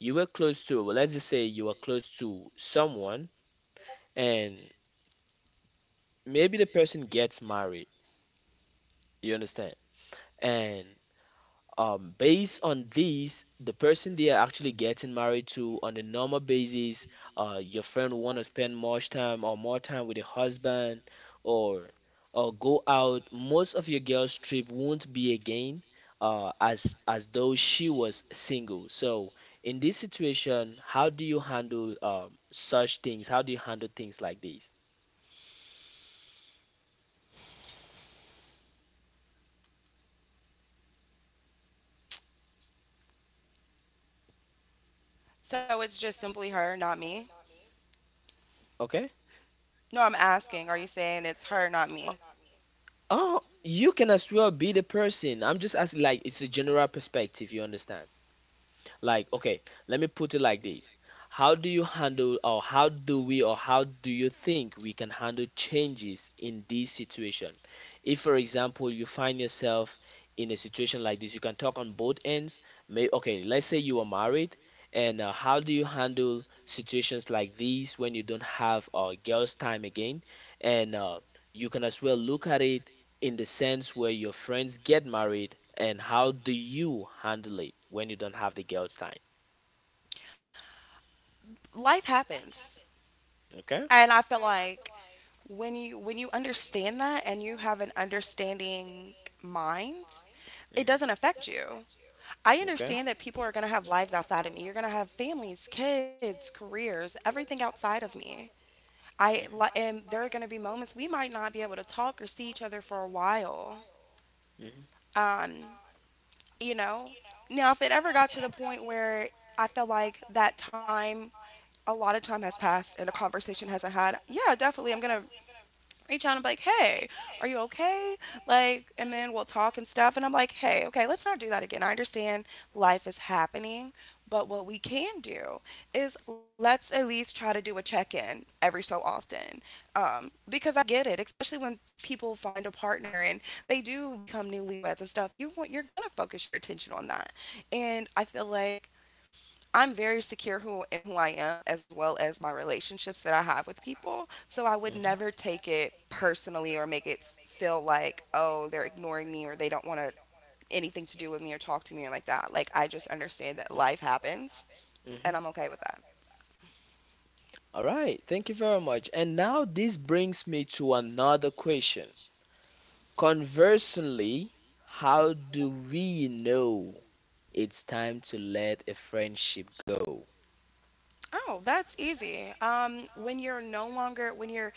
You were close to, well, let's just say you were close to someone, and maybe the person gets married. You understand? And based on these, the person they are actually getting married to on a normal basis, your friend will want to spend much time or more time with a husband or or go out. Most of your girl's trip won't be again, as though she was single. So in this situation, how do you handle such things? How do you handle things like this? So it's just simply her, not me. Okay. No, I'm asking, are you saying it's her, not me? Oh, you can as well be the person. I'm just asking, like, it's a general perspective, you understand? Like, okay, let me put it like this. How do you handle, or how do we, or how do you think we can handle changes in this situation? If, for example, you find yourself in a situation like this, you can talk on both ends. May, okay, let's say you are married, and how do you handle situations like these when you don't have girls' time again? And you can as well look at it in the sense where your friends get married and how do you handle it when you don't have the girl's time? Life happens. Okay? And I feel like when you understand that and you have an understanding mind, it doesn't hmm affect you. I Okay? understand that people are going to have lives outside of me. You're going to have families, kids, careers, everything outside of me. Hmm hmm And there are going to be moments we might not be able to talk or see each other for a while. hmm Um, you know. Now, if it ever got to the point where I felt like that time a lot of time has passed and a conversation hasn't had, yeah, definitely I'm going to reach out and be like, hey, are you okay? Like, and then we'll talk and stuff. And I'm like, hey, okay, let's not do that again. I understand life is happening, but what we can do is let's at least try to do a check in every so often. Because I get it, especially when people find a partner and they do become newlyweds and stuff. You want, you're gonna focus your attention on that. And I feel like I'm very secure who I am as well as my relationships that I have with people. So I would never take it personally or make it feel like, oh, they're ignoring me or they don't want to anything to do with me or talk to me or like that. Like I just understand that life happens, Mhm. and I'm okay with that. All right, thank you very much. And now this brings me to another question. Conversely, how do we know it's time to let a friendship go? Oh, that's easy.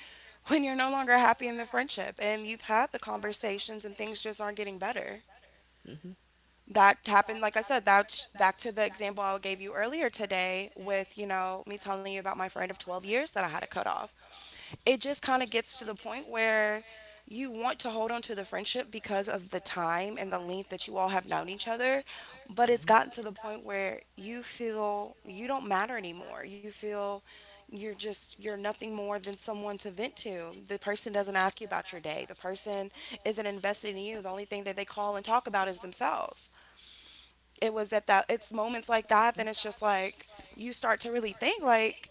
When you're no longer happy in the friendship, and you've had the conversations and things just aren't getting better. Mhm, That happened, like I said. That's back to the example I gave you earlier today, with, me telling you about my friend of 12 years that I had to cut off. It just kind of gets to the point where you want to hold on to the friendship because of the time and the length that you all have known each other, but mhm, it's mhm, gotten to the point where you feel you don't matter anymore. You feel you're nothing more than someone to vent to. The person doesn't ask you about your day. The person isn't invested in you. The only thing that they call and talk about is themselves. It's moments like that. Then it's just like you start to really think like,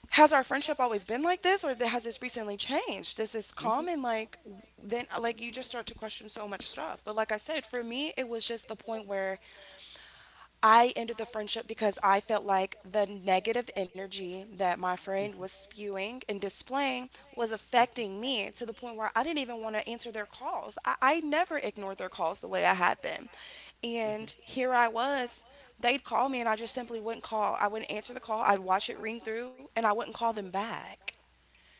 has our friendship always been like this, or has this recently changed? This is mhm. common. Like, then like you just start to question so much stuff. But like I said, for me it was just the point where I ended the friendship because I felt like the negative energy that my friend was spewing and displaying was affecting me to the point where I didn't even want to answer their calls. I never ignored their calls the way I had been. Mhm. And here I was. They'd call me, and I just simply wouldn't call. I wouldn't answer the call. I'd watch it ring through and I wouldn't call them back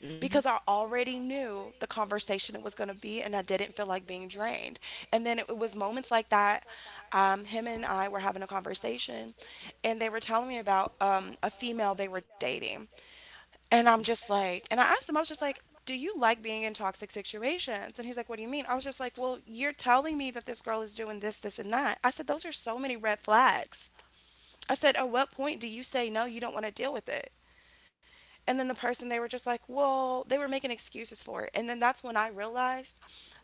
Mhm. because I already knew the conversation it was going to be, and I didn't feel like being drained. And then it was moments like that. Him and I were having a conversation, and they were telling me about a female they were dating. And I'm Mhm. just like, and I asked him, I was just like, do you like being in toxic situations? And he's like, what do you mean? I was just like, well, you're telling me that this girl is doing this, this, and that. I said, those are so many red flags. I said, at what point do you say, no, you don't want to deal with it? And then the person, they were just like, well, they were making excuses for it. And then that's when I realized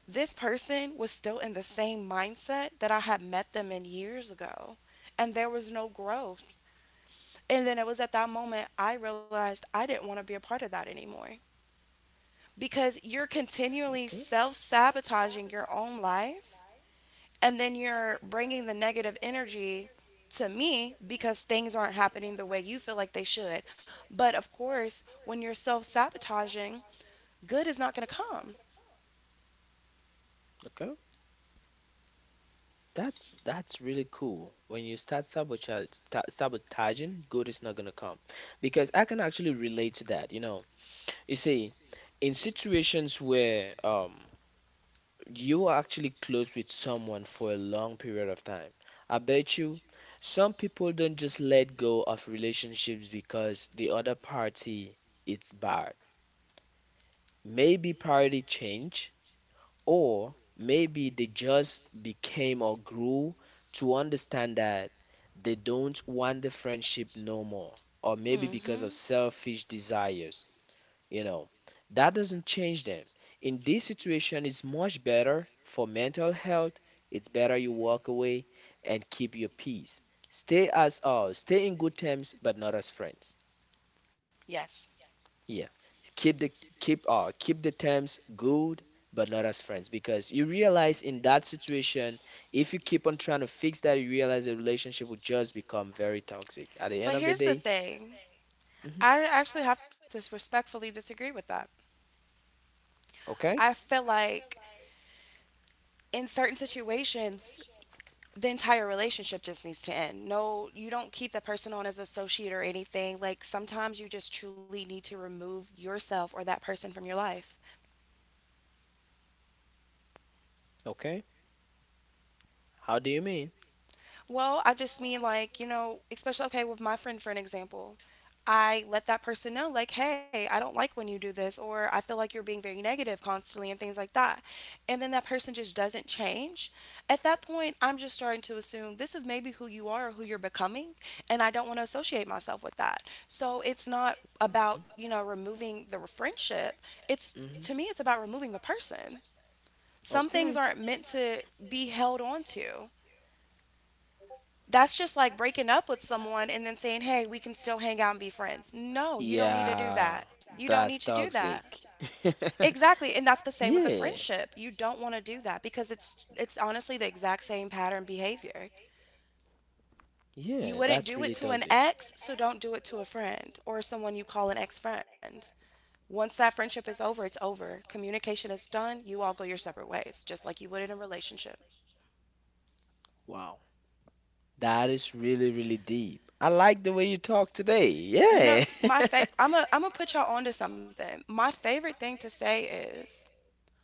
this person was still in the same mindset that I had met them in years ago. And there was no growth. And then it was at that moment I realized I didn't want to be a part of that anymore because you're continually self sabotaging your own life. And then you're bringing the negative energy to me because things aren't happening the way you feel like they should. But of course, when you're self sabotaging, good is not going to come. Okay. That's really cool. When you start sabotage, sta sabotaging, good is not gonna come. Because I can actually relate to that, you know. You see, in situations where you are actually close with someone for a long period of time, I bet you some people don't just let go of relationships because the other party it's bad. Maybe party change or maybe they just became or grew to understand that they don't want the friendship no more, or maybe because of Hmm. selfish desires. You know, that doesn't change them. In this situation it's much better for mental health. It's better you walk away and keep your peace, stay as stay in good terms but not as friends. Yes. Yeah, keep the keep keep the terms good, but not as friends, because you realize in that situation if you keep on trying to fix that, you realize the relationship will just become very toxic at the end But of the here's the day. thing, Hmm I actually have to respectfully disagree with that. okay I feel like in certain situations, the entire relationship just needs to end. No, you don't keep that person on as associate or anything. Like sometimes you just truly need to remove yourself or that person from your life. okay. How do you mean? Well, I just mean like, you know, especially okay with my friend for an example. I let that person know like, "Hey, I don't like when you do this, or I feel like you're being very negative constantly and things like that." And then that person just doesn't change. At that point, I'm just starting to assume this is maybe who you are or who you're becoming, and I don't want to associate myself with that. So, it's not about, you know, removing the friendship. It's To Hmm me, it's about removing the person. Some things Okay. aren't meant to be held on to. That's just like breaking up with someone and then saying, hey, we can still hang out and be friends. No, you don't need to do Yeah, that. You don't need to that's do why would that. toxic. Toxic. That? <laughs> Exactly. And that's the same with a friendship. You don't want to do that because it's honestly the exact same pattern behavior. You Yeah, wouldn't that's do it to an ex, so don't do it to a friend or someone you call an ex-friend. Once that friendship is over, it's over. Communication is done. You all go your separate ways, just like you would in a relationship. friend. Wow, that is really, really deep. I like the way you talk today. You know, Yeah. <laughs> I'm gonna put y'all onto something. My favorite thing to say is,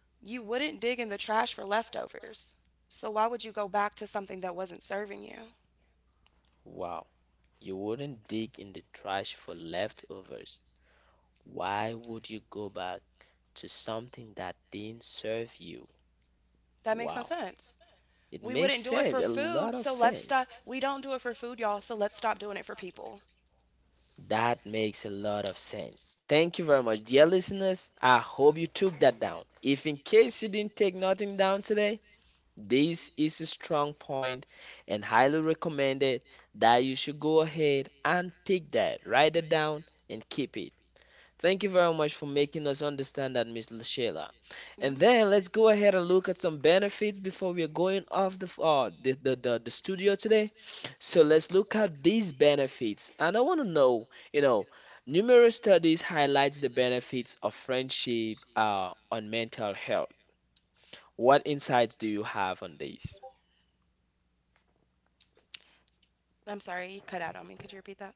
you wouldn't dig in the trash for leftovers. So why would you go back to something that wasn't serving you? Wow, you wouldn't dig in the trash for leftovers. Why would you go back to something that didn't serve you? That makes no Wow. sense. It We makes wouldn't do it sense, for a lot food, of so let's stop. sense. We don't do it for food, y'all, so let's stop doing it for people. That makes a lot of sense. Thank you very much, dear listeners. I hope you took that down. If in case you didn't take nothing down today, this is a strong point and highly recommended that you should go ahead and pick that, write it down, and keep it. Thank you very much for making us understand that, Miss Lashela. And Mm. And then let's go ahead and look at some benefits before we are going off the studio today. So let's look at these benefits. And I want to know, you know, numerous studies highlights the benefits of friendship on mental health. What insights do you have on these? I'm sorry, you cut out on me. Could you repeat that?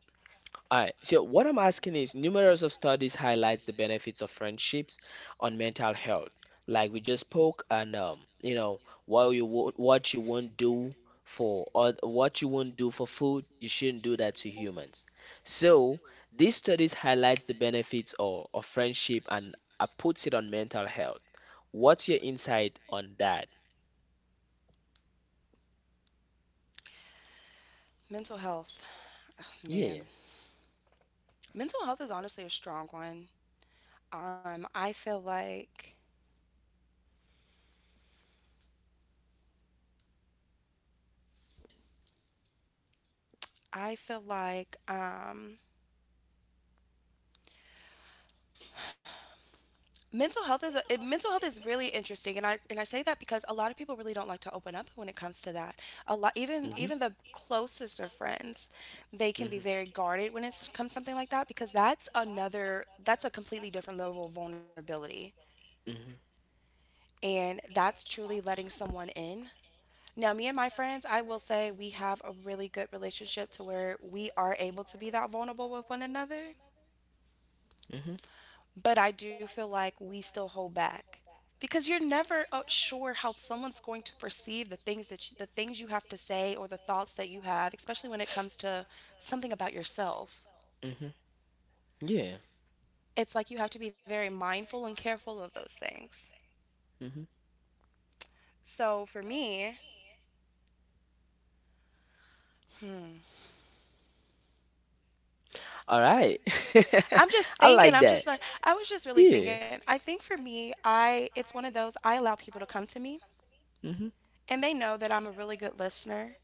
All right. So what I'm asking is numerous of studies highlights the benefits of friendships on mental health. Like we just spoke and you know, while what you won't do for or what you won't do for food, you shouldn't do that to humans. So these studies highlights the benefits of friendship and puts it on mental health. What's your insight on that? Mental health. Oh, Yeah. man. Mental health is honestly a strong one. I feel like I feel like um mental health is really interesting, and I say that because a lot of people really don't like to open up when it comes to that. A lot even hmm even the closest of friends, they can be very guarded when it comes something like that because that's a completely different level of vulnerability, hmm and that's truly letting someone in. Now, me and my friends, I will say we have a really good relationship to where we are able to be that vulnerable with one another. hmm But I do feel like we still hold back because you're never sure how someone's going to perceive the things the things you have to say, or the thoughts that you have, especially when it comes to something about yourself. hmm hmm Yeah. It's like you have to be very mindful and careful of those things. hmm So for me, All right. I'm just <laughs> I thinking. like that. I was just really Yeah. thinking. I think for me, I it's one of those. I allow people to come to me, hmm and they know that I'm a really good listener.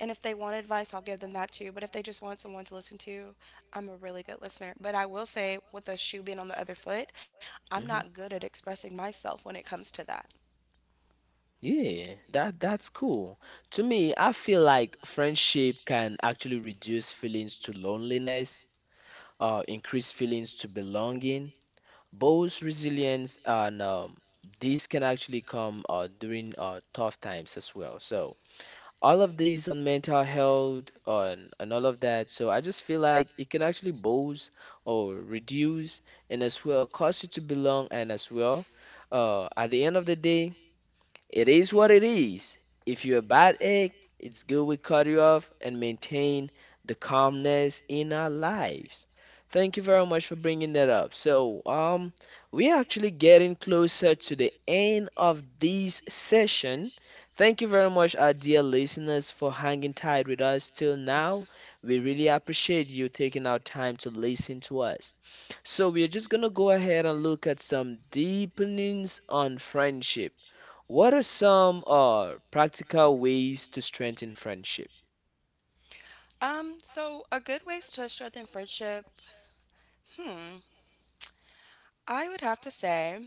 And if they want advice, I'll give them that too. But if they just want someone to listen to, I'm a really good listener. But I will say, with a shoe being on the other foot, I'm not hmm good at expressing myself when it comes to that. Yeah, that's cool. To me, I feel like friendship can actually reduce feelings to loneliness, increase feelings to belonging, both resilience and this can actually come during tough times as well. So all of these on mental health on and all of that. So I just feel like it can actually boost or reduce and as well cause you to belong and as well at the end of the day it is what it is. If you're a bad egg, it's good we cut you off and maintain the calmness in our lives. Thank you very much for bringing that up. So, we're actually getting closer to the end of this session. Thank you very much, our dear listeners, for hanging tight with us till now. We really appreciate you taking our time to listen to us. So we are just going to go ahead and look at some deepenings on friendship. What are some practical ways to strengthen friendship? So a good ways to strengthen friendship, hmm, I would have to say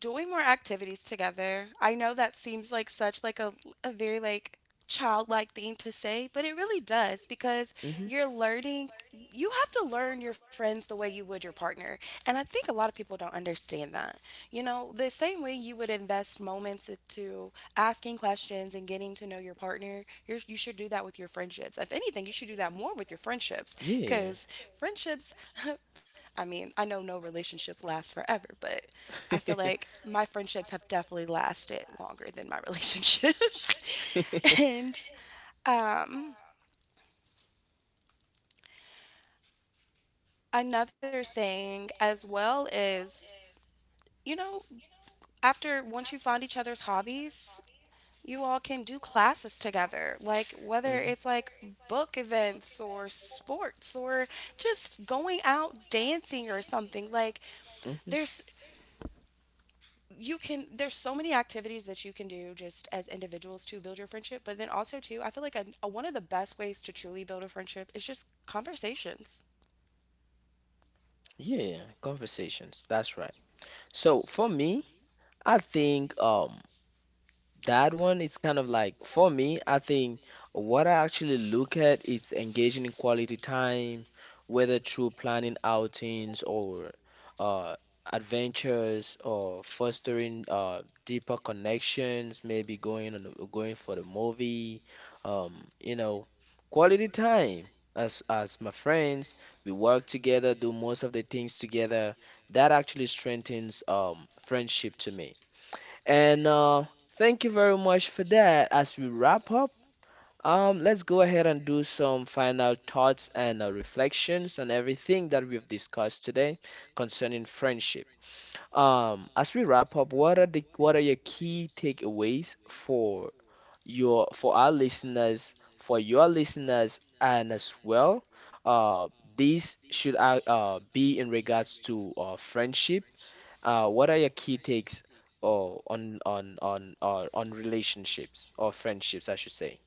doing more activities together. I know that seems like such like a very like childlike thing to say, but it really does because Mhm. you're learning. You have to learn your friends the way you would your partner. And I think a lot of people don't understand that. You know, the same way you would invest moments into asking questions and getting to know your partner, you should do that with your friendships. If anything, you should do that more with your friendships Yeah. because friendships, <laughs> I mean, I know no relationship lasts forever, but I feel <laughs> like my <laughs> friendships have definitely lasted longer than my relationships. <laughs> <laughs> And um, another thing as well is, you know, after once you find each other's hobbies, you all can do classes together. Like whether it's like book events or sports or just going out dancing or something. Like Mhm. there's you can there's so many activities that you can do just as individuals to build your friendship, but then also too, I feel like one of the best ways to truly build a friendship is just conversations. Yeah, conversations. That's right. So for me, I think that one is kind of like for me, I think what I actually look at is engaging in quality time, whether through planning outings or uh, adventures or fostering deeper connections, maybe going for the movie, um, you know, quality time. As my friends, we work together, do most of the things together. That actually strengthens friendship to me. And thank you very much for that. As we wrap up, let's go ahead and do some final thoughts and reflections on everything that we've discussed today concerning friendship. As we wrap up, what are your key takeaways for our listeners, for your listeners, and as well, uh, these should be in regards to friendship. What are your key takes uh, on on relationships or friendships, I should say?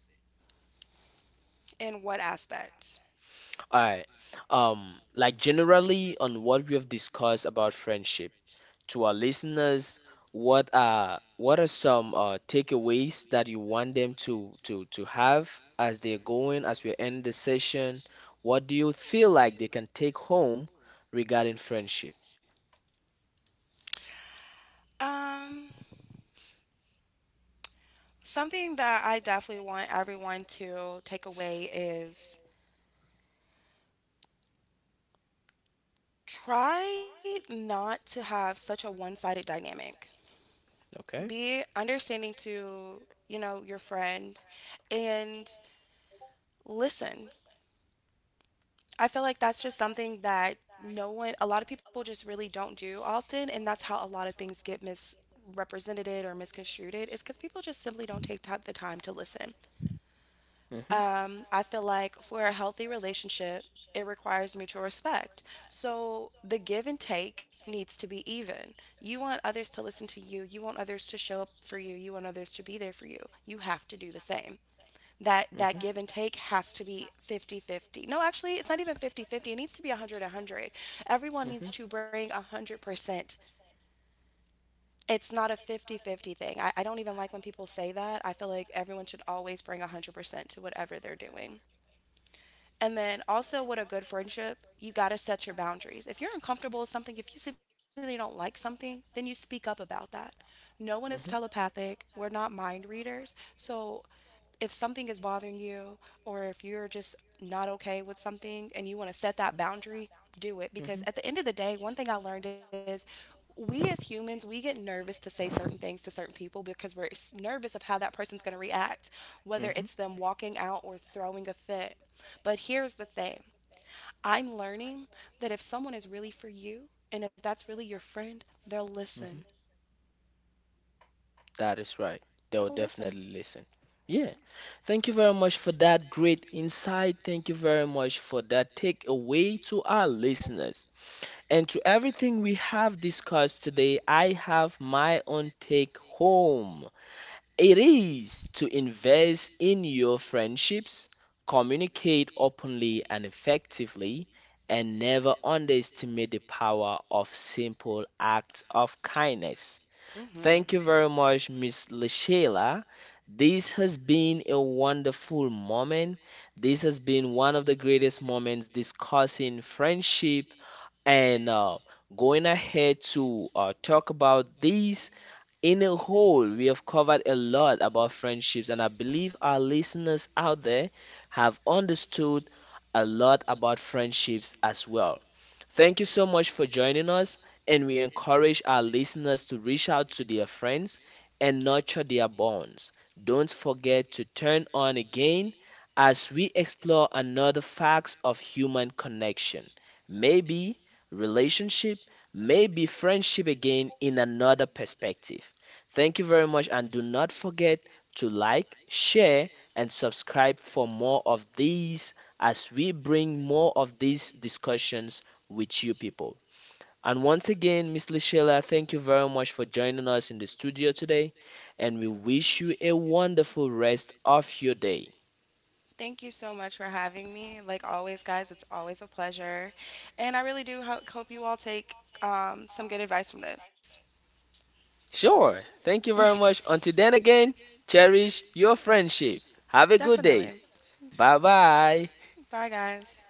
In what aspect? All right. Like generally on what we have discussed about friendship. To our listeners, what are some takeaways that you want them to have as they're going as we end the session? What do you feel like they can take home regarding friendship? Um, Something that I definitely want everyone to take away is try not to have such a one-sided dynamic. Okay. Be understanding to, you know, your friend, and listen. I feel like that's just something that no one, a lot of people just really don't do often, and that's how a lot of things get misrepresented or misconstrued, is because people just simply don't take the time to listen. Mm-hmm, I feel like for a healthy relationship, it requires mutual respect. So the give and take needs to be even. You want others to listen to you. You want others to show up for you. You want others to be there for you. You have to do the same. That mm-hmm. that Mm-hmm. give and take has to be 50-50. No, actually, it's not even 50-50. It needs to be 100-100. Everyone Mm-hmm. needs to bring 100%. It's not a 50-50 thing. I don't even like when people say that. I feel like everyone should always bring 100% to whatever they're doing. And then also, with a good friendship, you got to set your boundaries. If you're uncomfortable with something, if you simply don't like something, then you speak up about that. No one is telepathic. We're not mind readers. So if something is bothering you, or if you're just not okay with something and you want to set that boundary, do it. Because at the end of the day, one thing I learned is, we as humans, we get nervous to say certain Mm-hmm. things to certain people because nervous of how that person's going to react, whether it's hmm them walking out or throwing a fit. But here's the thing, I'm learning that if someone is really for you and if that's really your friend, they'll listen. hmm That is right. They'll They'll listen. definitely listen. Yeah. Thank you very much for that great insight. Thank you very much for that takeaway to our listeners. And to everything we have discussed today, I have my own take home. It is to invest in your friendships, communicate openly and effectively, and never underestimate the power of simple acts of kindness. Hmm. Thank you very much, Miss Lashayla. This has been a wonderful moment. This has been one of the greatest moments discussing friendship and going ahead to talk about these in a whole. We have covered a lot about friendships, and I believe our listeners out there have understood a lot about friendships as well. Thank you so much for joining us, and we encourage our listeners to reach out to their friends and nurture their bonds. Don't forget to turn on again as we explore another facts of human connection. Maybe relationship, maybe friendship again in another perspective. Thank you very much, and do not forget to like, share, and subscribe for more of these as we bring more of these discussions with you people. And once again, Miss Lishela, thank you very much for joining us in the studio today, and we wish you a wonderful rest of your day. Thank you so much for having me. Like always, guys, it's always a pleasure. And I really do hope you all take some good advice from this. Sure, thank you very much. Until then, again, cherish your friendship. Have a good day. Definitely. Bye bye. Bye, guys.